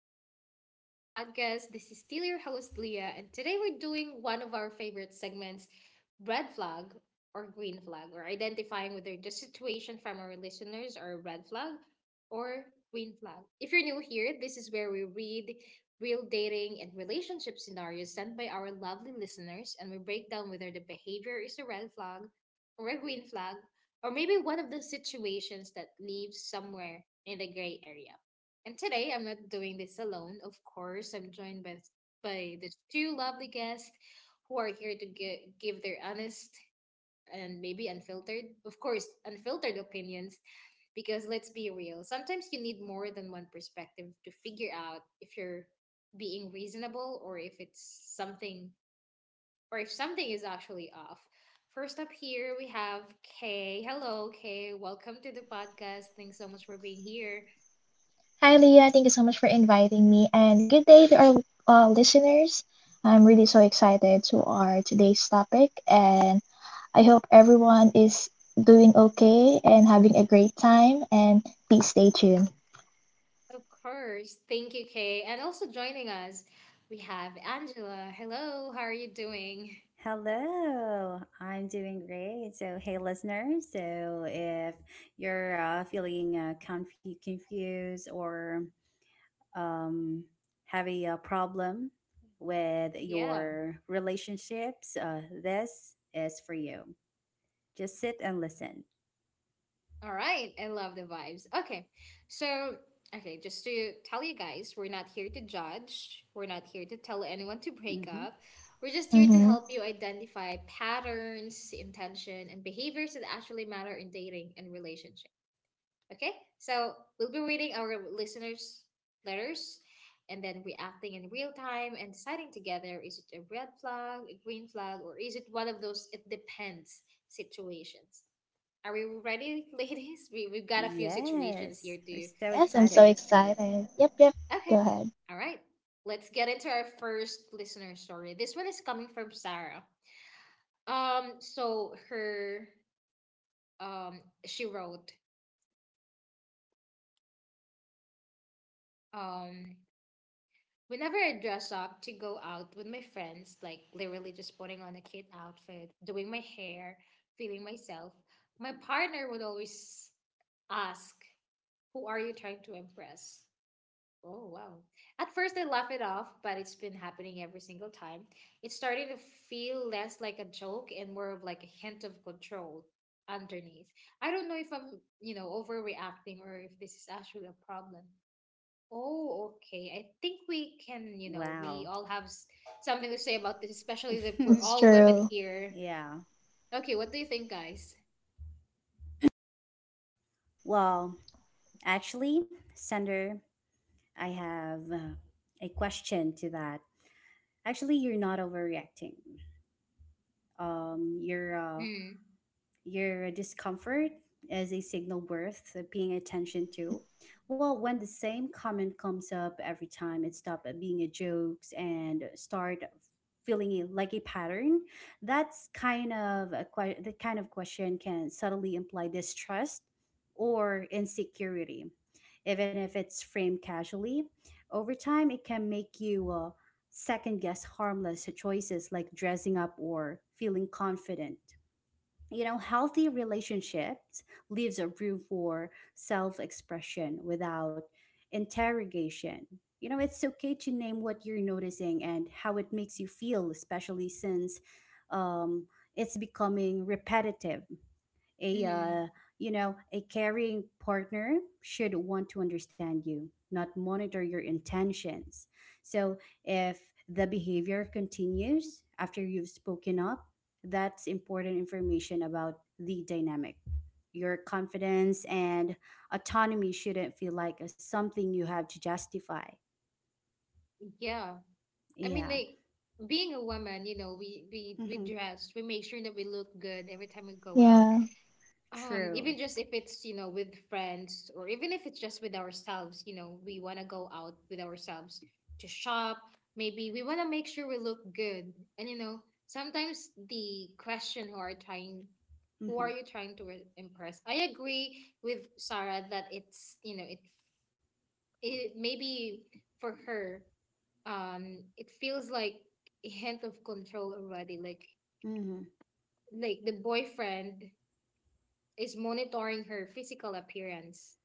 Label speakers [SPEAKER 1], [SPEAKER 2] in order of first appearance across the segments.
[SPEAKER 1] welcome back to the podcast. This is still your host, Leah, and today we're doing one of our favorite segments: red flag or green flag. We're identifying whether the situation from our listeners are red flag or green flag. If you're new here, this is where we read real dating and relationship scenarios sent by our lovely listeners, and we break down whether the behavior is a red flag or a green flag, or maybe one of the situations that leaves somewhere in the gray area. And today I'm not doing this alone. Of course, I'm joined by the two lovely guests who are here to give their honest and maybe unfiltered, of course, unfiltered opinions because let's be real, sometimes you need more than one perspective to figure out if you're being reasonable, or if something is actually off. First up here we have Kay. Hello, Kay. Welcome to the podcast. Thanks so much for being here.
[SPEAKER 2] Hi, Leah. Thank you so much for inviting me, and good day to our listeners. I'm really so excited to our today's topic, and I hope everyone is doing okay and having a great time. And please stay tuned.
[SPEAKER 1] Of course. Thank you, Kay. And also joining us, we have Angela. Hello, how are you doing?
[SPEAKER 3] Hello, I'm doing great. So, hey, listeners. So, if you're feeling confused or um, having a problem with
[SPEAKER 1] Yeah.
[SPEAKER 3] your relationships, this is for you. Just sit and listen.
[SPEAKER 1] All right. I love the vibes. Okay. So, okay, just to tell you guys, we're not here to judge. We're not here to tell anyone to break
[SPEAKER 3] Hmm.
[SPEAKER 1] up. We're just here to
[SPEAKER 2] Mm-hmm.
[SPEAKER 1] help you identify patterns, intention, and behaviors that actually matter in dating and relationships. Okay, so we'll be reading our listeners' letters and then reacting in real time and deciding together, is it a red flag, a green flag, or is it one of those it depends situations? Are we ready, ladies? We've got a few situations here
[SPEAKER 3] Yes, we're
[SPEAKER 1] to,
[SPEAKER 3] so
[SPEAKER 2] Yes, I'm so
[SPEAKER 3] excited.
[SPEAKER 1] to discuss.
[SPEAKER 2] excited. Yep, yep.
[SPEAKER 1] Okay,
[SPEAKER 2] Go ahead.
[SPEAKER 1] all right. Let's get into our first listener story. This one is coming from Sarah. So her, she wrote, um, whenever I dress up to go out with my friends, like literally just putting on a cute outfit, doing my hair, feeling myself, my partner would always ask, "Who are you trying to impress?" Oh, wow. At first, I laugh it off, but it's been happening every single time. It's starting to feel less like a joke and more of like a hint of control underneath. I don't know if I'm, overreacting, or if this is actually a problem. Oh, okay. I think we can, you know, we
[SPEAKER 3] Wow.
[SPEAKER 1] all have something to say about this, especially that we're
[SPEAKER 2] It's
[SPEAKER 1] all women
[SPEAKER 2] true.
[SPEAKER 1] here.
[SPEAKER 3] Yeah.
[SPEAKER 1] Okay, what do you think, guys?
[SPEAKER 3] Well, actually, Sender, I have a question to that. Actually, you're not overreacting. You're
[SPEAKER 1] Hmm.
[SPEAKER 3] your discomfort is a signal worth paying attention to. Well, when the same comment comes up every time, it stops being a joke and start feeling it like a pattern. That's kind of a que- the kind of question can subtly imply distrust or insecurity, even if it's framed casually. Over time, it can make you second guess harmless choices like dressing up or feeling confident. You know, healthy relationships leaves a room for self-expression without interrogation. You know, it's okay to name what you're noticing and how it makes you feel, especially since um, it's becoming repetitive. A
[SPEAKER 1] Hmm.
[SPEAKER 3] You know, a caring partner should want to understand you, not monitor your intentions. So if the behavior continues after you've spoken up, that's important information about the dynamic. Your confidence and autonomy shouldn't feel like a something you have to justify.
[SPEAKER 1] Yeah. I mean,
[SPEAKER 3] Yeah.
[SPEAKER 1] like being a woman, we
[SPEAKER 3] Mm-hmm.
[SPEAKER 1] dress, we make sure that we look good every time we go out.
[SPEAKER 2] Yeah.
[SPEAKER 3] True.
[SPEAKER 1] Even just if it's, with friends, or even if it's just with ourselves, we want to go out with ourselves to shop. Maybe we want to make sure we look good. And sometimes the question, who
[SPEAKER 3] Mm-hmm.
[SPEAKER 1] are you trying to impress? I agree with Sarah that it's, it maybe for her, it feels like a hint of control already. like
[SPEAKER 3] Mm-hmm.
[SPEAKER 1] like the boyfriend is monitoring her physical appearance,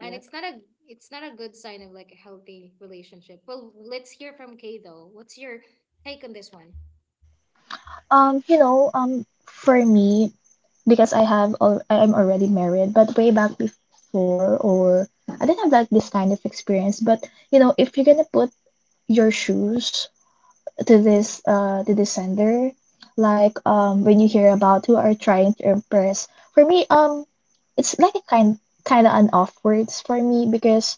[SPEAKER 1] and it's not a good sign of like a healthy relationship. Well, let's hear from Kay though. What's your take on this one?
[SPEAKER 2] You know, for me, because I have al I'm already married, but way back before, or I didn't have like this kind of experience, but you know, if you're gonna put your shoes to this to the sender, like when you hear
[SPEAKER 1] Mhm.
[SPEAKER 2] about who are trying to impress, for me, it's like a kind of an off words for me because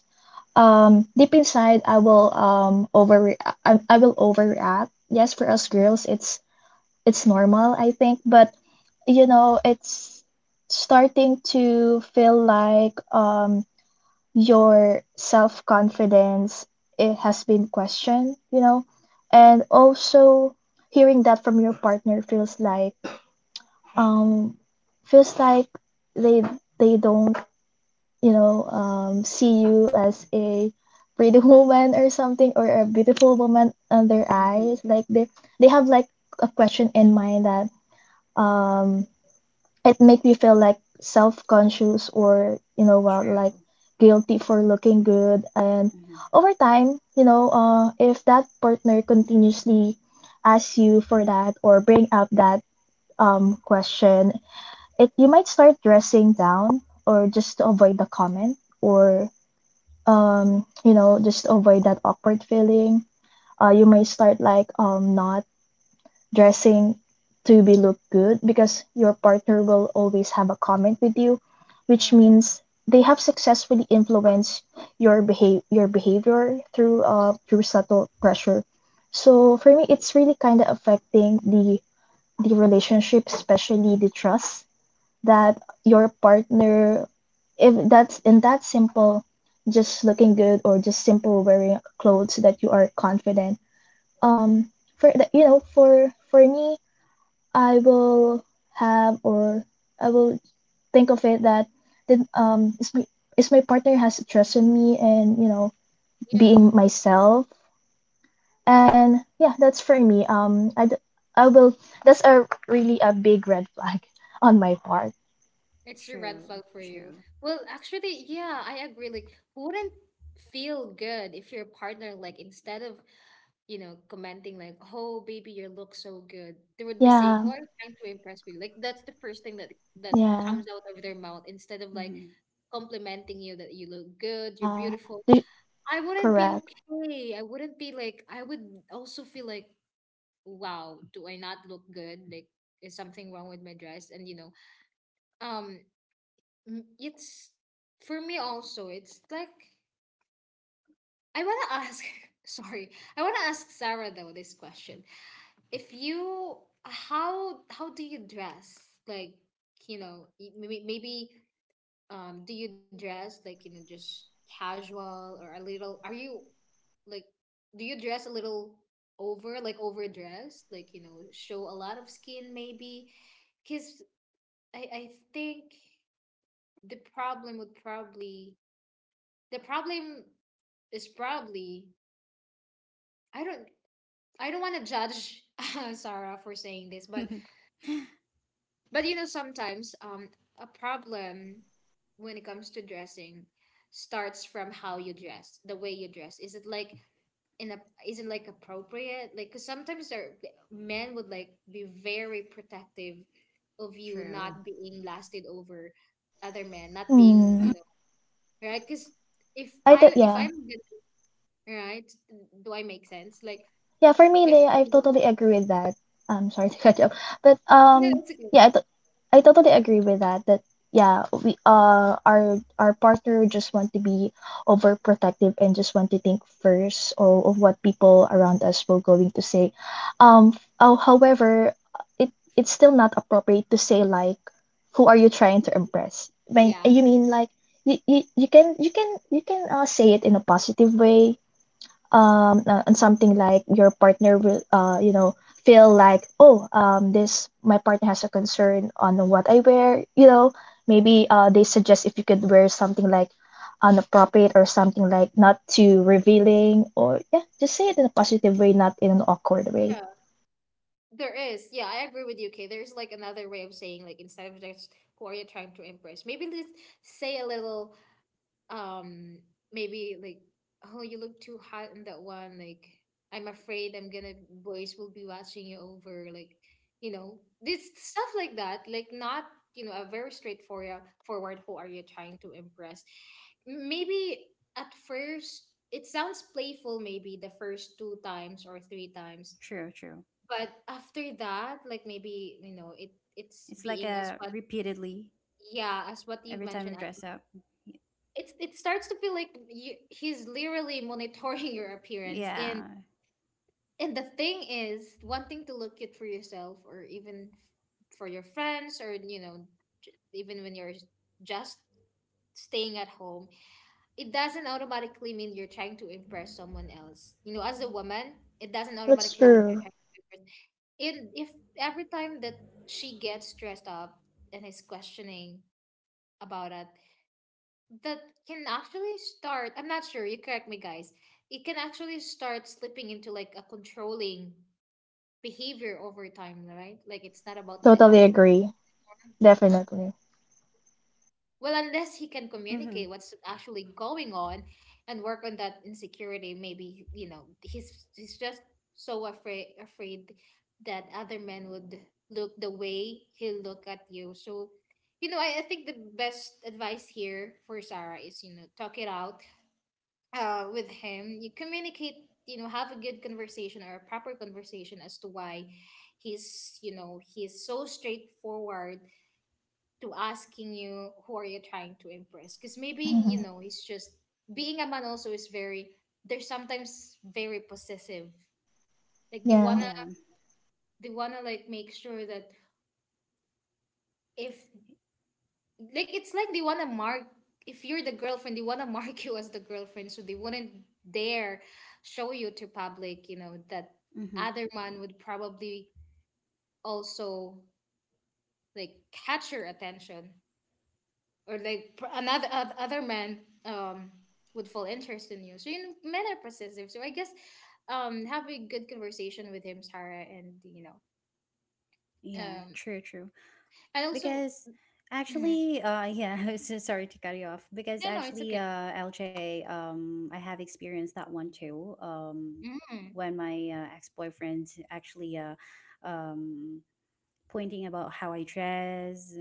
[SPEAKER 2] deep inside I will over I will overreact. Yes, for us girls, it's normal, I think, but you know, it's starting to feel like, your self confidence, it has been questioned, you know. And also hearing that from your partner feels like, um feels like they they don't you know, see you as a pretty woman or something, or a beautiful woman on their eyes.
[SPEAKER 3] Mm-hmm.
[SPEAKER 2] Like they have like a question in mind that um it make me feel like self-conscious, or you know, well, like
[SPEAKER 3] True.
[SPEAKER 2] guilty for looking good. And
[SPEAKER 3] Mm-hmm.
[SPEAKER 2] over time, you know, if that partner continuously asks you for that, or bring up that question, it, you might start dressing down, or just to avoid the comment, or you know, just to avoid that awkward feeling. You may start like not dressing to be look good, because your partner will always have a comment with you, which
[SPEAKER 3] Yeah.
[SPEAKER 2] means they have successfully influenced your behave your behavior through through subtle pressure. So for me, it's really kind of affecting the relationship, especially the trust that your partner, if that's in that simple, just looking good or just simple wearing clothes that you are confident. Um, for the, you know, for me, I will have, or I will think of it that did is my partner has trust in me, and you know,
[SPEAKER 1] Yeah.
[SPEAKER 2] being myself. And yeah, that's for me. I d- I will That's a really a big red flag on my part.
[SPEAKER 1] It's a red flag
[SPEAKER 3] True,
[SPEAKER 1] for you.
[SPEAKER 3] true.
[SPEAKER 1] Well, actually, yeah, I agree. Like, who wouldn't feel good if your partner, like, instead of, commenting like, "Oh, baby, you look so good," they would be saying,
[SPEAKER 2] Yeah,
[SPEAKER 1] "Who are you trying to impress me?" Like, that's the first thing that that
[SPEAKER 2] yeah,
[SPEAKER 1] comes out of their mouth, instead of like
[SPEAKER 3] Mhm.
[SPEAKER 1] complimenting you that you look good, you're
[SPEAKER 2] yeah.
[SPEAKER 1] beautiful.
[SPEAKER 2] Do-
[SPEAKER 1] I wouldn't be
[SPEAKER 2] correct.
[SPEAKER 1] okay. I wouldn't be like. I would also feel like, "Wow, do I not look good? Like, is something wrong with my dress?" And you know, um Mm, It's for me also. It's like I wanna ask. Sorry, I wanna ask Sarah though this question. If you how do you dress? Like, maybe do you dress like, just casual or a little? Are you like Do you dress a little over like overdressed? Like, show a lot of skin maybe? Because I think the problem would probably the problem is probably, I don't I don't want to judge Sarah for saying this, but sometimes, a problem when it comes to dressing starts from how you dress, the way you dress. Is it like in a appropriate? Like, 'cause sometimes there men would like be very protective of you
[SPEAKER 3] True.
[SPEAKER 1] not being lasted over other men, not being,
[SPEAKER 2] Hmm.
[SPEAKER 1] right. Because if
[SPEAKER 2] I thought
[SPEAKER 1] I if
[SPEAKER 2] yeah.
[SPEAKER 1] I'm gonna- right, do I make sense? Like
[SPEAKER 2] Yeah, for me,
[SPEAKER 1] if
[SPEAKER 2] Leia, I totally agree with that. I'm sorry to cut you off, but
[SPEAKER 1] No, it's okay.
[SPEAKER 2] yeah, I totally agree with that. That yeah, we our partner just want to be overprotective, and just want to think first of what people around us were going to say. However, it, it's still not appropriate to say like, who are you trying to impress? When
[SPEAKER 1] Yeah,
[SPEAKER 2] you mean like you, you can say it in a positive way, and something like your partner will you know, feel like, oh, this my partner has a concern on what I wear. You know, maybe they suggest if you could wear something like unappropriate, or something like not too revealing, or yeah, just say it in a positive way, not in an awkward way.
[SPEAKER 1] yeah, there is. Yeah, I agree with you. Okay, there's like another way of saying, like, instead of just "Who are you trying to impress?" maybe let's say a little. Um, maybe like, "Oh, you look too hot in that one," like, "I'm afraid I'm gonna boys will be watching you," over like, this stuff like that, like not, a very straightforward forward "Who are you trying to impress?" Maybe at first it sounds playful, maybe the first two times or three times,
[SPEAKER 3] True, true.
[SPEAKER 1] but after that, like, maybe it's
[SPEAKER 3] It's like
[SPEAKER 1] being as
[SPEAKER 3] a
[SPEAKER 1] what,
[SPEAKER 3] repeatedly
[SPEAKER 1] yeah, as what you've
[SPEAKER 3] every time
[SPEAKER 1] mentioned.
[SPEAKER 3] you dress up.
[SPEAKER 1] It starts to feel like, he's literally monitoring your appearance. and
[SPEAKER 3] Yeah.
[SPEAKER 1] and the thing is, wanting to look it for yourself or even for your friends, or even when you're just staying at home, it doesn't automatically mean you're trying to impress someone else. You know, as a woman, it doesn't
[SPEAKER 2] That's
[SPEAKER 1] automatically mean you're
[SPEAKER 2] true.
[SPEAKER 1] trying to impress. And if every time that she gets dressed up and is questioning about it, that can actually start, I'm not sure, you correct me guys, it can actually start slipping into like a controlling behavior over time, right? Like, it's not about the
[SPEAKER 2] Totally
[SPEAKER 1] outfit.
[SPEAKER 2] agree. Definitely.
[SPEAKER 1] Well, unless he can
[SPEAKER 3] Mm-hmm.
[SPEAKER 1] communicate what's actually going on and work on that insecurity. Maybe, he's just so afraid that other men would look the way he look at you. So, I think the best advice here for Sarah is, talk it out, with him. You communicate, have a good conversation or a proper conversation as to why he's, so straightforward to asking you, "Who are you trying to impress?" Because maybe,
[SPEAKER 2] Mhm.
[SPEAKER 1] he's just being a man also, is very, they're sometimes very possessive. Like, they
[SPEAKER 2] Yeah.
[SPEAKER 1] wanna,
[SPEAKER 3] Yeah.
[SPEAKER 1] like make sure that, if like, it's like they wanna mark, if you're the girlfriend, they wanna mark you as the girlfriend, so they wouldn't dare show you to public, that
[SPEAKER 3] Mm-hmm.
[SPEAKER 1] other man would probably also like catch your attention, or like other man um would fall interest in you. So you know, men are possessive. So I guess, have a good conversation with him, Sarah, and,
[SPEAKER 3] Yeah.
[SPEAKER 1] um
[SPEAKER 3] True, true.
[SPEAKER 1] also.
[SPEAKER 3] Because
[SPEAKER 1] mm,
[SPEAKER 3] actually, yeah, I was so sorry to cut you off. Because
[SPEAKER 1] no, no, it's
[SPEAKER 3] actually,
[SPEAKER 1] okay.
[SPEAKER 3] LJ, I have experienced that one too.
[SPEAKER 1] Mm,
[SPEAKER 3] When my ex boyfriend actually, um, pointing about how I dress,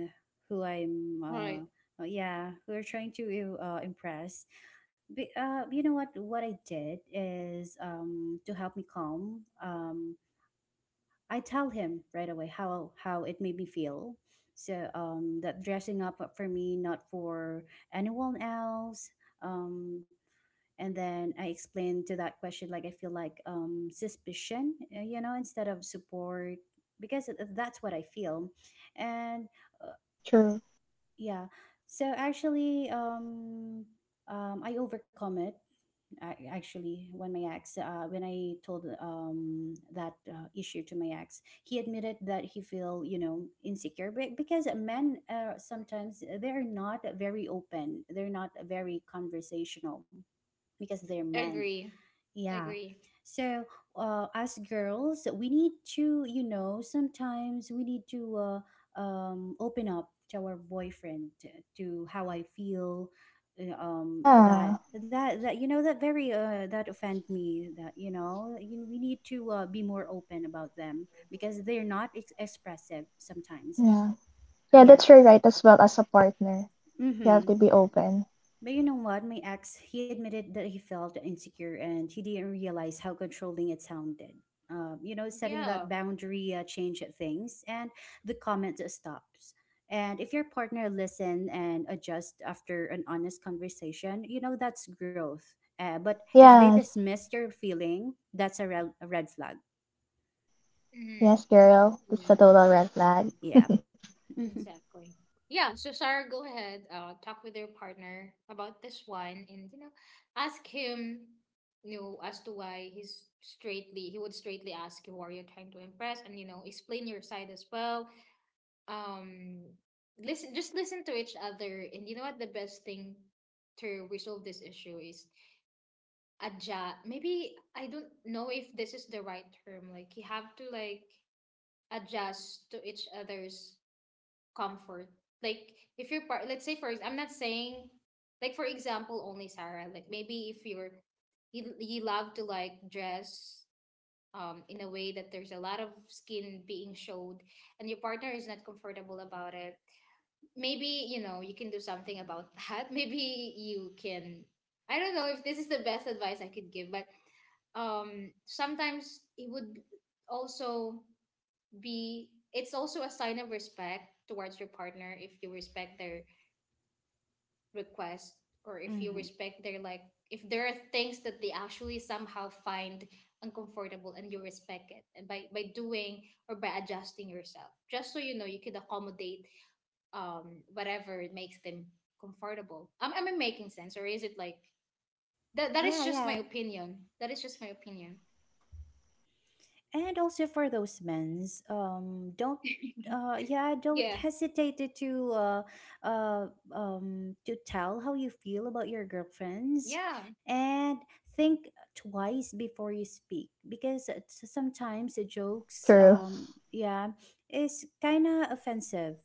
[SPEAKER 3] who I'm,
[SPEAKER 1] right.
[SPEAKER 3] yeah, who are trying to impress. But, you know what? What I did is to help me calm. I tell him right away how it made me feel. So that dressing up for me, not for anyone else. Um, and then I explained to that question like I feel like suspicion you know, instead of support because that's what I feel. And uh,
[SPEAKER 2] True.
[SPEAKER 3] yeah, so actually I overcome it. Actually, when my ex when I told that issue to my ex, he admitted that he feel, you know, insecure, but because men, sometimes they're not very open, they're not very conversational because they're men.
[SPEAKER 1] Agree.
[SPEAKER 3] Yeah.
[SPEAKER 1] Agree.
[SPEAKER 3] So, as girls, we need to, you know, sometimes we need to open up to our boyfriend, to how I feel.
[SPEAKER 2] Yeah.
[SPEAKER 3] That you know that very that offend me. That you know we need to be more open about them because they're not expressive sometimes.
[SPEAKER 2] Yeah. Yeah,
[SPEAKER 3] Yeah.
[SPEAKER 2] that's your right as well as a partner. You have
[SPEAKER 3] Mm-hmm.
[SPEAKER 2] to be open.
[SPEAKER 3] But you know what? My ex, he admitted that he felt insecure and he didn't realize how controlling it sounded. You know, setting that
[SPEAKER 1] Yeah.
[SPEAKER 3] boundary changed things and the comment just stops. And if your partner listen and adjust after an honest conversation, you know, that's growth. But if they
[SPEAKER 2] Yeah.
[SPEAKER 3] dismiss your feeling, that's a red flag.
[SPEAKER 1] Mm-hmm.
[SPEAKER 2] Yes, girl, that's a
[SPEAKER 1] Yeah,
[SPEAKER 2] total red flag.
[SPEAKER 3] Yeah. Hmm.
[SPEAKER 1] exactly. Yeah, so Sarah, go ahead, talk with your partner about this one and, ask him, as to why he would straightly ask you, "Who are you trying to impress?" And, explain your side as well. Um, listen, just listen to each other. And you know what? The best thing to resolve this issue is adjust. Maybe, I don't know if this is the right term. Like, you have to, like, adjust to each other's comfort. Like, if you're part, let's say I'm not saying like for example only Sarah. Like, maybe if you're, you love to like dress, in a way that there's a lot of skin being showed, and your partner is not comfortable about it. Maybe you can do something about that. Maybe you can. I don't know if this is the best advice I could give, but sometimes also it's also a sign of respect towards your partner if you respect their request, or if you
[SPEAKER 3] Hmm.
[SPEAKER 1] respect their like, if there are things that they actually somehow find uncomfortable and you respect it, and by doing or by adjusting yourself just so, you could accommodate whatever makes them comfortable. Am I making sense, or is it like That
[SPEAKER 3] Yeah,
[SPEAKER 1] is just my
[SPEAKER 3] yeah.
[SPEAKER 1] opinion.
[SPEAKER 3] And also for those men's don't yeah, don't
[SPEAKER 1] Yeah,
[SPEAKER 3] hesitate to uh to tell how you feel about your girlfriends.
[SPEAKER 1] yeah,
[SPEAKER 3] And think twice before you speak because sometimes the jokes,
[SPEAKER 2] True.
[SPEAKER 3] yeah, is kind of offensive.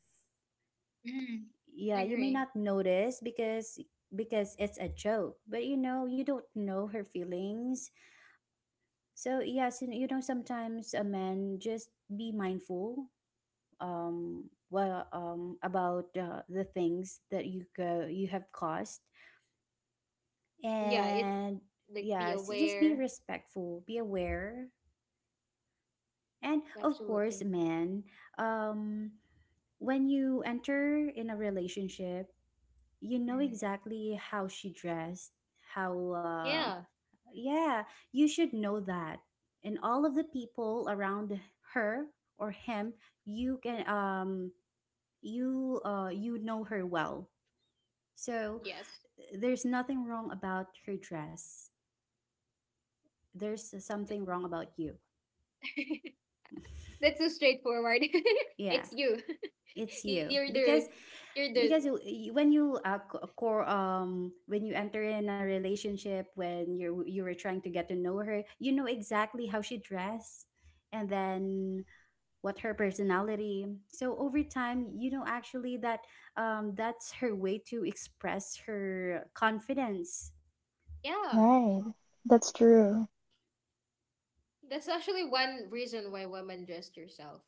[SPEAKER 1] mm,
[SPEAKER 3] Yeah, you may
[SPEAKER 1] agree.
[SPEAKER 3] not notice because it's a joke, but you know, you don't know her feelings. So yes, and you know, sometimes a man, just be mindful. um about the things that you have caused.
[SPEAKER 1] Yeah, it
[SPEAKER 3] And
[SPEAKER 1] like, be
[SPEAKER 3] yeah, so just be
[SPEAKER 1] aware.
[SPEAKER 3] respectful, be aware. And of course,
[SPEAKER 1] Absolutely.
[SPEAKER 3] man, um when you enter in a relationship, you know
[SPEAKER 1] Mm.
[SPEAKER 3] exactly how she dressed, how
[SPEAKER 1] Yeah.
[SPEAKER 3] yeah, you should know that. And all of the people around her or him, you can you know her well. So
[SPEAKER 1] Yes.
[SPEAKER 3] there's nothing wrong about her dress. There's something wrong about you.
[SPEAKER 1] That's so straightforward.
[SPEAKER 3] Yeah,
[SPEAKER 1] It's you.
[SPEAKER 3] it's
[SPEAKER 1] You're
[SPEAKER 3] you
[SPEAKER 1] the
[SPEAKER 3] because
[SPEAKER 1] you're the,
[SPEAKER 3] when you co- core when you enter in a relationship, when you were trying to get to know her, you know exactly how she dress and then what her personality. So over time, you know, actually that that's her way to express her confidence.
[SPEAKER 1] yeah.
[SPEAKER 2] Right. That's true.
[SPEAKER 1] That's actually one reason why women dress herself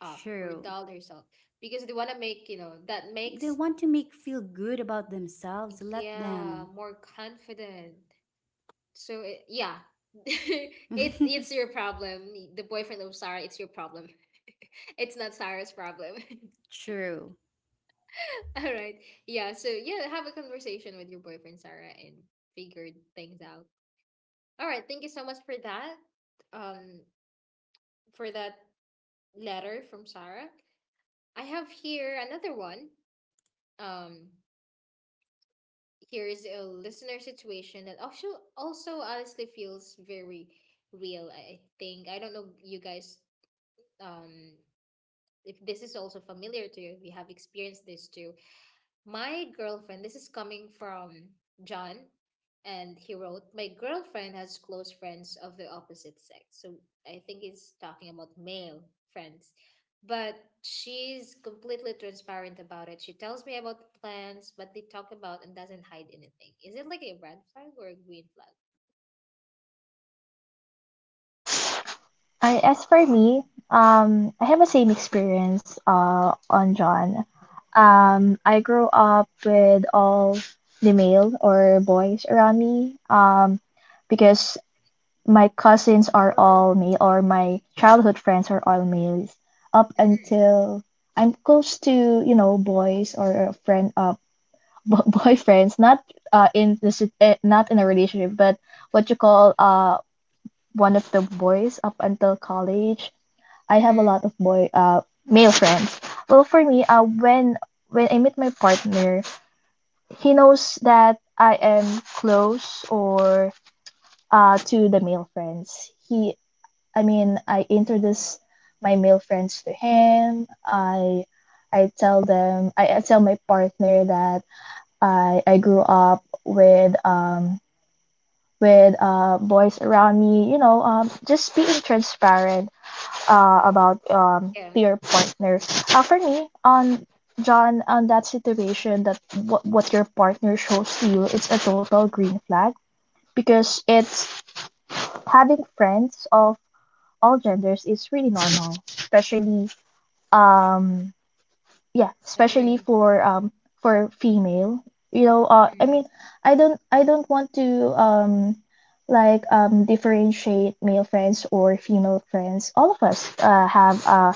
[SPEAKER 1] up or
[SPEAKER 3] True.
[SPEAKER 1] doll herself. Because they wanna make, you know, that
[SPEAKER 3] They
[SPEAKER 1] makes
[SPEAKER 3] want to make feel good about themselves, let
[SPEAKER 1] yeah,
[SPEAKER 3] them.
[SPEAKER 1] more confident. So it, yeah. It's your problem. The boyfriend of Sarah, it's your problem. It's not Sarah's problem.
[SPEAKER 3] True.
[SPEAKER 1] All right. Yeah. So yeah, have a conversation with your boyfriend Sarah and figure things out. All right. Thank you so much for that. Um, for that letter from Sarah. I have here another one. Um, Here is a listener situation that also also honestly feels very real. I think I don't know you guys. Um, if this is also familiar to you, if you have experienced this too. My girlfriend, this is coming from John, and he wrote, my girlfriend has close friends of the opposite sex. So I think he's talking about male friends. But she's completely transparent about it. She tells me about the plans, what they talk about, and doesn't hide anything. Is it like a red flag or a green flag?
[SPEAKER 2] I, as for me, I have the same experience on John. I grew up with all the male or boys around me. Because my cousins are all male, or my childhood friends are all males up
[SPEAKER 1] Mm-hmm.
[SPEAKER 2] until I'm close to, you know, boys or a friend, boyfriends, not in the not in a relationship, but what you call one of the boys up until college. I have a
[SPEAKER 1] Mm-hmm.
[SPEAKER 2] lot of boy male friends. Well, for me, when I meet my partner, he knows that I am close or to the male friends. I mean, I introduce my male friends to him. I tell my partner that I grew up with boys around me, you know, just being transparent about
[SPEAKER 1] Yeah,
[SPEAKER 2] to your partner. For me, on John, on that situation that what your partner shows to you, it's a total green flag, because it's, having friends of all genders is really normal, especially um yeah especially
[SPEAKER 1] agree.
[SPEAKER 2] for female, you know, I mean,
[SPEAKER 1] Mm.
[SPEAKER 2] I don't want to like differentiate male friends or female friends. All of us have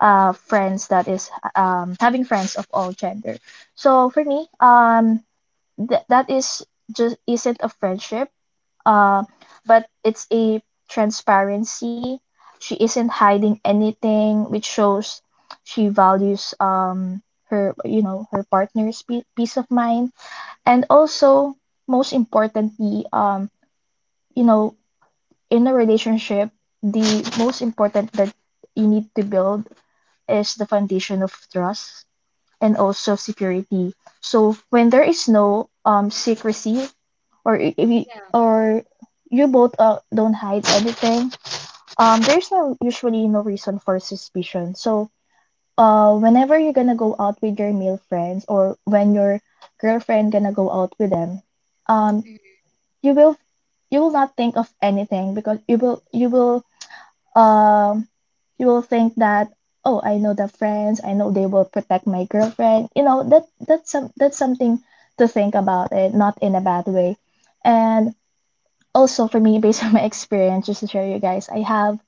[SPEAKER 2] friends that is having friends of all gender. So for me, that is just isn't a friendship, uh, but it's a transparency. She isn't hiding anything, which shows she values her, you know, her partner's peace of mind, and also most importantly, you know, in a relationship, the most important that you need to build is the foundation of trust and also security. So when there is no secrecy, or if you,
[SPEAKER 1] Yeah.
[SPEAKER 2] or you both don't hide anything, there's no, usually no reason for suspicion. So whenever you're gonna go out with your male friends, or when your girlfriend gonna go out with them, um,
[SPEAKER 1] Mm.
[SPEAKER 2] you will, you will not think of anything, because you will, um you will think that, oh, I know the friends, I know they will protect my girlfriend. You know, that that's some, that's something to think about it, not in a bad way. And also, for me, based on my experience, just to share you guys, I have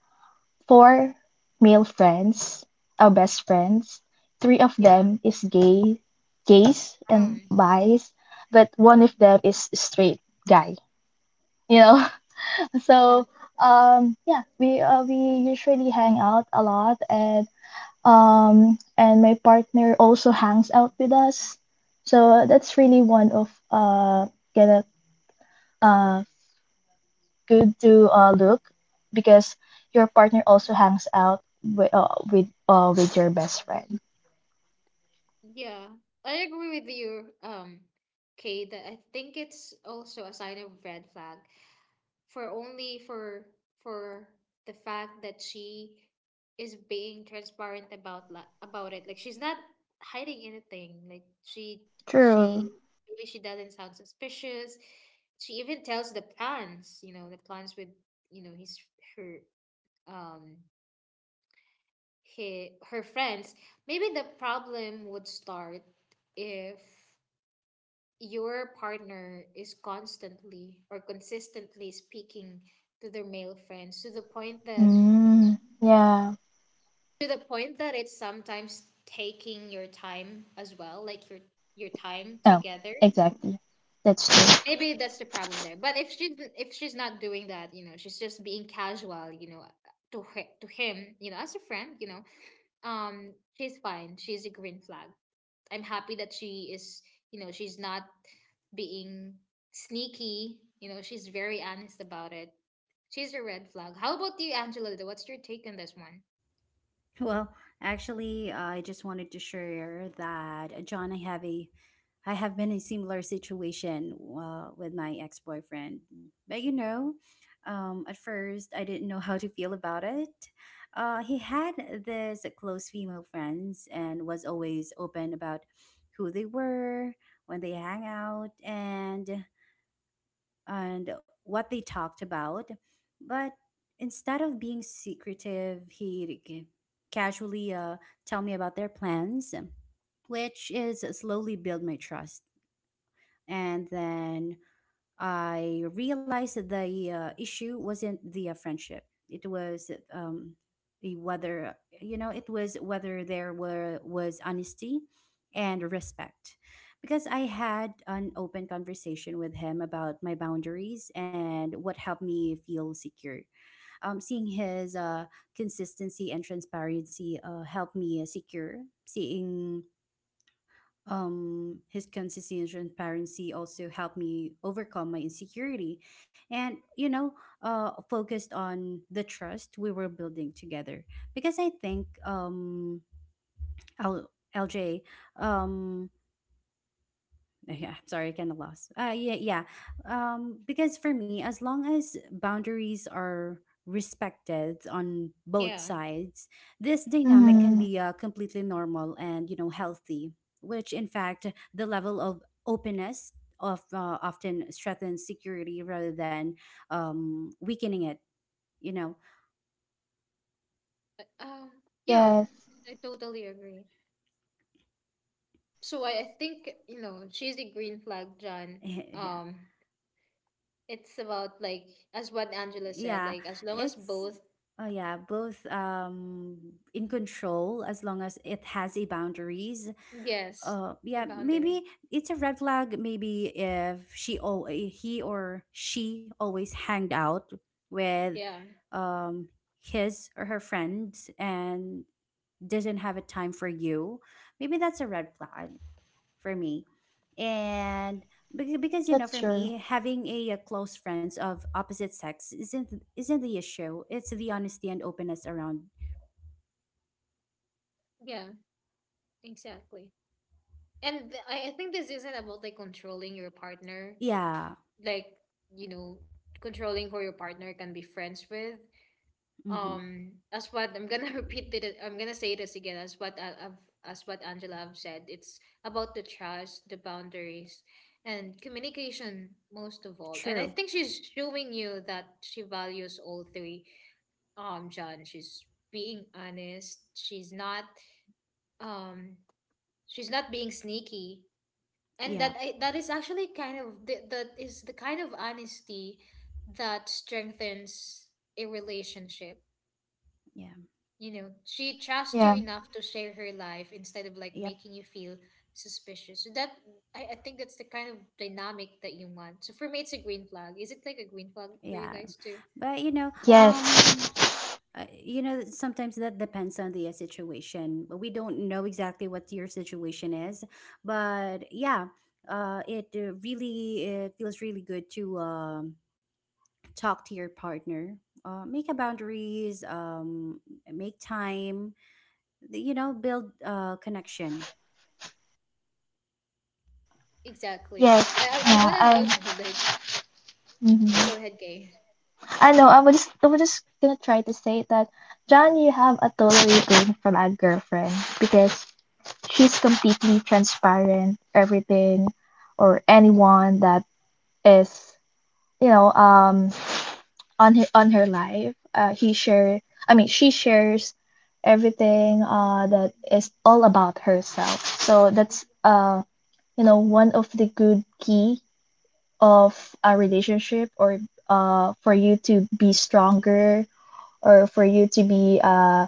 [SPEAKER 2] four male friends, our best friends. Three of
[SPEAKER 1] Yeah.
[SPEAKER 2] them is gay, gays and
[SPEAKER 1] Um,
[SPEAKER 2] bis, but one of them is straight guy. You know,
[SPEAKER 1] yeah.
[SPEAKER 2] so yeah, we usually hang out a lot, and my partner also hangs out with us. So that's really one of gonna uh good to look, because your partner also hangs out with with your best friend.
[SPEAKER 1] Yeah, I agree with you, Kay, that I think it's also a sign of red flag for only for the fact that she is being transparent about about it. Like she's not hiding anything. Like she
[SPEAKER 2] True.
[SPEAKER 1] she maybe she doesn't sound suspicious. She even tells the plans, you know, the plans with you know his her um he her friends. Maybe the problem would start if your partner is constantly or consistently speaking to their male friends to the point that
[SPEAKER 2] Mm, yeah.
[SPEAKER 1] to the point that it's sometimes taking your time as well, like your time
[SPEAKER 2] Oh,
[SPEAKER 1] together.
[SPEAKER 2] exactly. That's true.
[SPEAKER 1] Maybe that's the problem there, but if she's not doing that, you know, she's just being casual, you know, to her, to him, you know, as a friend, you know, she's fine, she's a green flag. I'm happy that she is, you know, she's not being sneaky. You know, she's very honest about it. She's a red flag. How about you, Angela? Though? What's your take on this one?
[SPEAKER 3] Well, actually, I just wanted to share that John, I have been in a similar situation with my ex boyfriend. But you know, at first I didn't know how to feel about it. He had this close female friends and was always open about who they were, when they hang out, and what they talked about. But instead of being secretive, casually tell me about their plans, which is slowly build my trust. And then I realized that the issue wasn't the friendship. It was the whether you know, it was whether there were was honesty and respect, because I had an open conversation with him about my boundaries and what helped me feel secure. Seeing his consistency and transparency helped me secure. Seeing his consistency and transparency also helped me overcome my insecurity, and you know, focused on the trust we were building together. Because I think L- LJ, um yeah, I'm sorry, I kind of lost yeah yeah Because for me, as long as boundaries are respected on both
[SPEAKER 1] Yeah.
[SPEAKER 3] sides, this dynamic can
[SPEAKER 2] Mm-hmm.
[SPEAKER 3] be completely normal, and you know, healthy, which in fact the level of openness of often strengthens security rather than weakening it, you know.
[SPEAKER 1] but, Um, yeah,
[SPEAKER 2] Yes,
[SPEAKER 1] I totally agree. So I think, you know, she's a green flag, John.
[SPEAKER 3] Yeah.
[SPEAKER 1] Um, it's about like as what Angela said,
[SPEAKER 3] Yeah,
[SPEAKER 1] like as long as
[SPEAKER 3] it's
[SPEAKER 1] both
[SPEAKER 3] oh yeah, both in control, as long as it has a boundaries.
[SPEAKER 1] yes, the
[SPEAKER 3] Yeah, maybe
[SPEAKER 1] boundary.
[SPEAKER 3] it's a red flag maybe if she or he or she always hanged out with
[SPEAKER 1] Yeah,
[SPEAKER 3] um his or her friends and doesn't have a time for you. Maybe that's a red flag for me. And because you know,
[SPEAKER 2] that's
[SPEAKER 3] for
[SPEAKER 2] true.
[SPEAKER 3] me, having a, close friends of opposite sex isn't the issue, it's the honesty and openness around.
[SPEAKER 1] yeah, exactly. And I think this isn't about like controlling your partner.
[SPEAKER 3] Yeah.
[SPEAKER 1] Like, you know, controlling who your partner can be friends with,
[SPEAKER 3] Mm-hmm.
[SPEAKER 1] as what I'm gonna repeat it, I'm gonna say this again, as what I've as what Angela have said, it's about the trust, the boundaries, and communication most of all, and I
[SPEAKER 3] True.
[SPEAKER 1] think she's showing you that she values all three. John, she's being honest, um she's not being sneaky, and
[SPEAKER 3] Yeah.
[SPEAKER 1] that is actually kind of that is the kind of honesty that strengthens a relationship.
[SPEAKER 3] Yeah.
[SPEAKER 1] You know, she trusts you
[SPEAKER 2] Yeah.
[SPEAKER 1] enough to share her life instead of like
[SPEAKER 3] Yep.
[SPEAKER 1] making you feel suspicious, so that I think that's the kind of dynamic that you want. So for me, it's a green flag. Is it like a green flag for you
[SPEAKER 3] Yeah.
[SPEAKER 1] guys too?
[SPEAKER 3] But you know,
[SPEAKER 2] Yes.
[SPEAKER 3] you know, sometimes that depends on the situation. But we don't know exactly what your situation is, but yeah, it really, it feels really good to talk to your partner. Make a boundaries, make time, you know, build connection.
[SPEAKER 1] Exactly.
[SPEAKER 2] Yes.
[SPEAKER 1] I want to
[SPEAKER 2] Yeah.
[SPEAKER 1] know though,
[SPEAKER 2] I.
[SPEAKER 1] like
[SPEAKER 2] Mhm.
[SPEAKER 1] go ahead, gay.
[SPEAKER 2] I know. I was just gonna try to say that, John, you have a totally refrain from a girlfriend, because she's completely transparent, everything, or anyone that is, you know, on her life. He share. I mean, she shares everything. That is all about herself. So that's you know, one of the good key of a relationship, or for you to be stronger, or for you to be uh,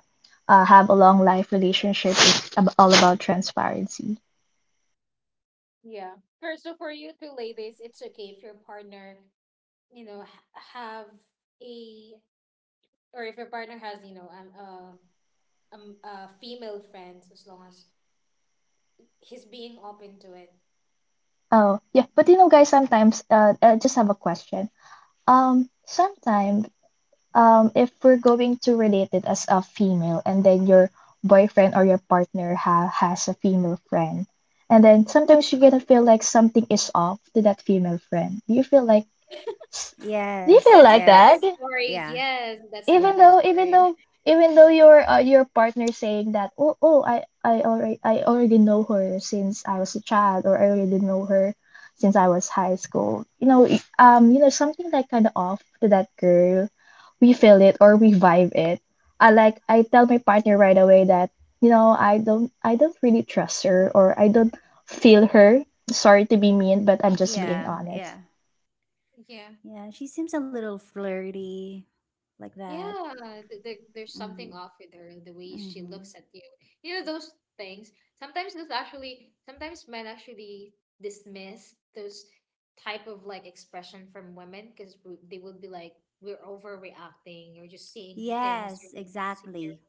[SPEAKER 2] uh have a long life relationship is all about transparency.
[SPEAKER 1] Yeah. First, so for you two ladies, it's okay if your partner, you know, have a or if your partner has, you know, female friends as long as he's being open to it.
[SPEAKER 2] Oh yeah, but you know, guys, sometimes I just have a question. Sometimes if we're going to relate it as a female, and then your boyfriend or your partner ha has a female friend, and then sometimes you're gonna feel like something is off to that female friend. Do you feel like s- do you
[SPEAKER 3] Yes,
[SPEAKER 2] feel
[SPEAKER 1] That's
[SPEAKER 2] like that?
[SPEAKER 1] another
[SPEAKER 3] yes.
[SPEAKER 1] story.
[SPEAKER 3] Yeah.
[SPEAKER 1] Yes, that's
[SPEAKER 2] even
[SPEAKER 3] Yep.
[SPEAKER 1] another
[SPEAKER 2] though even
[SPEAKER 1] story.
[SPEAKER 2] though even though your partner saying that, oh, I already, I already know her since I was a child, or I already know her since I was high school. You know, you know, something like kind of off to that girl, we feel it or we vibe it. I tell my partner right away that, you know, I don't really trust her, or I don't feel her. Sorry to be mean, but I'm just being
[SPEAKER 3] Yeah,
[SPEAKER 2] honest.
[SPEAKER 3] yeah.
[SPEAKER 1] Yeah.
[SPEAKER 3] Yeah, she seems a little flirty like that.
[SPEAKER 1] Yeah, there's something
[SPEAKER 3] Mm-hmm.
[SPEAKER 1] off with her, the way she
[SPEAKER 3] Mm-hmm.
[SPEAKER 1] looks at you. You know, those things. Sometimes those actually, sometimes men actually dismiss those type of like expression from women because they would be like, we're overreacting, you're just seeing things, you're
[SPEAKER 3] Yes,
[SPEAKER 1] just insecure.
[SPEAKER 3] exactly.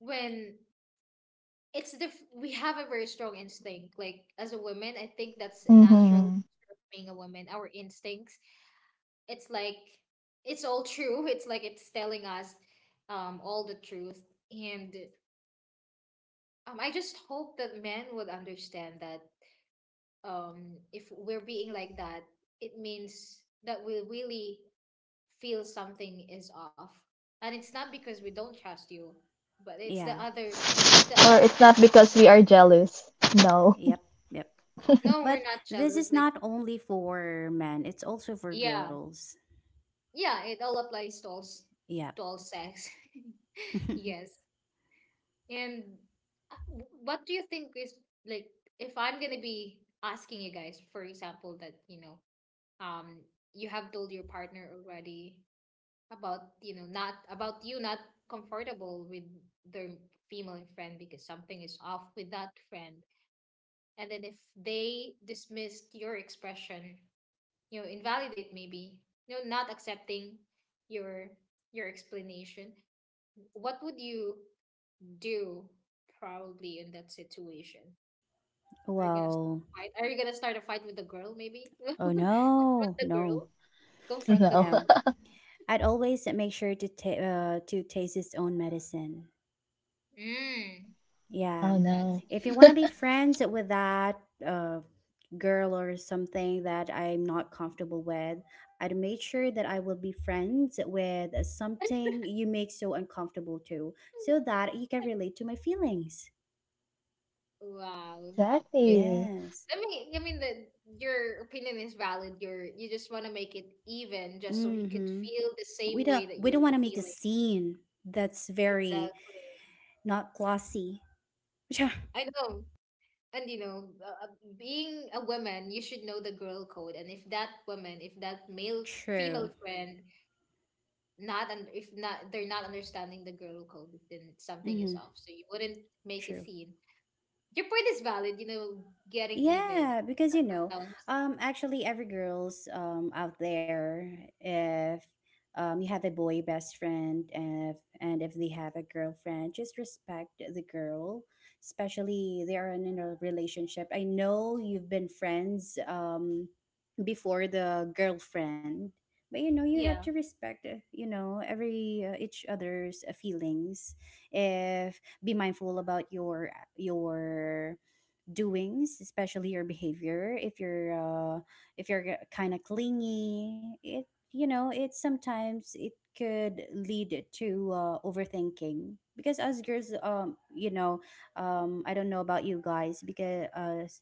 [SPEAKER 1] When we have a very strong instinct like as a woman. I think that's a natural
[SPEAKER 2] Hmm.
[SPEAKER 1] nature of being a woman, our instincts. It's like it's all true. It's like it's telling us all the truth, and I just hope that men would understand that, if we're being like that, it means that we really feel something is off, and it's not because we don't trust you, but it's the
[SPEAKER 3] Yeah.
[SPEAKER 1] other, it's the
[SPEAKER 2] Or
[SPEAKER 1] other
[SPEAKER 2] it's
[SPEAKER 1] person.
[SPEAKER 2] not because we are jealous. No.
[SPEAKER 3] Yep. Yep.
[SPEAKER 1] No, we're
[SPEAKER 3] But
[SPEAKER 1] not
[SPEAKER 3] this
[SPEAKER 1] jealous,
[SPEAKER 3] is
[SPEAKER 1] like
[SPEAKER 3] not only for men, it's also for
[SPEAKER 1] yeah.
[SPEAKER 3] girls.
[SPEAKER 1] Yeah, it all applies to all,
[SPEAKER 3] Yeah.
[SPEAKER 1] to all sex. Yes. And what do you think is like if I'm gonna be asking you guys, for example, that you know, um, you have told your partner already about you know not about you not comfortable with their female friend because something is off with that friend, and then if they dismissed your expression, you know, invalidate maybe, you know, not accepting your your explanation, what would you do probably in that situation? Are you gonna s-
[SPEAKER 3] Well,
[SPEAKER 1] Fight? Are you gonna start a fight with the girl, maybe
[SPEAKER 3] oh
[SPEAKER 1] confront
[SPEAKER 3] no.
[SPEAKER 1] the
[SPEAKER 3] No.
[SPEAKER 1] girl? Confront the
[SPEAKER 2] No.
[SPEAKER 3] No.
[SPEAKER 1] girl.
[SPEAKER 3] I'd always make sure to taste his own medicine.
[SPEAKER 1] Mm,
[SPEAKER 3] Yeah.
[SPEAKER 2] Oh
[SPEAKER 1] that's
[SPEAKER 2] no.
[SPEAKER 3] If you
[SPEAKER 1] deep.
[SPEAKER 3] want to be friends with that uh, girl or something that I'm not comfortable with, I'd make sure that I will be friends with something you make so uncomfortable too, so that you can relate to my feelings.
[SPEAKER 1] Wow. You,
[SPEAKER 2] Exactly.
[SPEAKER 3] Yes.
[SPEAKER 1] I mean, I mean that your opinion is valid. You're you just want to make it even just so he could
[SPEAKER 3] Mm-hmm.
[SPEAKER 1] feel the same way that
[SPEAKER 3] We don't
[SPEAKER 1] you're
[SPEAKER 3] want to make a
[SPEAKER 1] feeling.
[SPEAKER 3] scene, that's very
[SPEAKER 1] Exactly.
[SPEAKER 3] not glossy.
[SPEAKER 1] I know. And you know being a woman, you should know the girl code. And if that woman, if that male
[SPEAKER 3] True.
[SPEAKER 1] female friend not, and if not they're not understanding the girl code, then something is
[SPEAKER 3] Mm-hmm.
[SPEAKER 1] off, so you wouldn't make a
[SPEAKER 3] True.
[SPEAKER 1] scene. Your point is valid, you know, getting even
[SPEAKER 3] Yeah, because you know,
[SPEAKER 1] sometimes.
[SPEAKER 3] actually, every girl's out there, if you have a boy best friend, if and if they have a girlfriend, just respect the girl, especially they are in a relationship. I know you've been friends before the girlfriend, but you know, you have
[SPEAKER 1] Yeah,
[SPEAKER 3] to respect, you know, every each other's feelings. If be mindful about your your doings, especially your behavior. If you're if you're kind of clingy, it you know, it sometimes it could lead to overthinking. Because us girls, you know, I don't know about you guys, because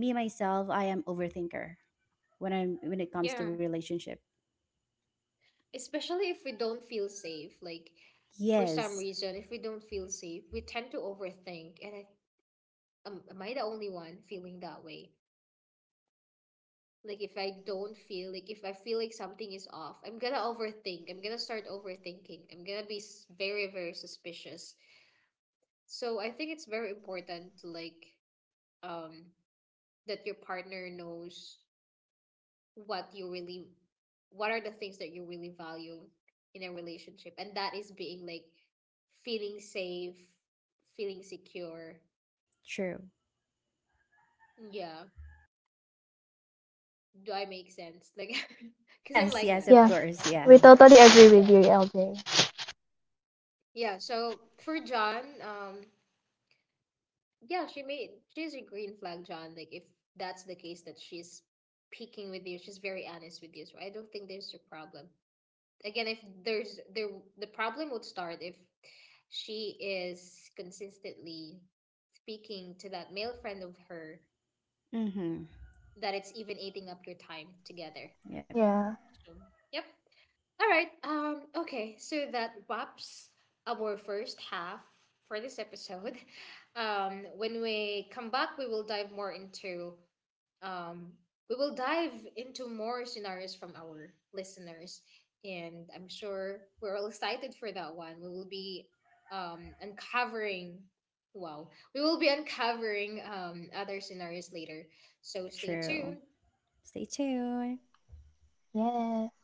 [SPEAKER 3] me myself, I am overthinker when I'm when it comes to
[SPEAKER 1] yeah,
[SPEAKER 3] relationship.
[SPEAKER 1] especially if we don't feel safe, like for some
[SPEAKER 3] Yes.
[SPEAKER 1] reason if we don't feel safe, we tend to overthink. And I am I the only one feeling that way, like if I don't feel like if I feel like something is off, I'm gonna overthink, I'm gonna start overthinking, I'm gonna be very, very suspicious. So I think it's very important to like um that your partner knows what you really what are the things that you really value in a relationship, and that is being like feeling safe, feeling secure.
[SPEAKER 3] True.
[SPEAKER 1] Yeah. Do I make sense, like because I'm
[SPEAKER 3] Yes,
[SPEAKER 1] like
[SPEAKER 3] yes,
[SPEAKER 1] that?
[SPEAKER 3] of
[SPEAKER 2] Yeah,
[SPEAKER 3] course, yeah.
[SPEAKER 2] we totally agree with you, LJ.
[SPEAKER 1] Yeah, so for John, yeah, she made she's a green flag, John. Like if that's the case that she's peeking with you, she's very honest with you. So I don't think there's a problem. Again, if there's there the problem would start if she is consistently speaking to that male friend of her
[SPEAKER 3] Mm-hmm.
[SPEAKER 1] that it's even eating up your time together.
[SPEAKER 3] Yep.
[SPEAKER 2] Yeah.
[SPEAKER 1] So yep. All right. Okay, so that wraps our first half for this episode. When we come back we will dive more into Um, we will dive into more scenarios from our listeners, and I'm sure we're all excited for that one. We will be uncovering, wow, we will be uncovering other scenarios later. So stay
[SPEAKER 3] True.
[SPEAKER 1] tuned
[SPEAKER 3] Stay tuned.
[SPEAKER 2] Yes.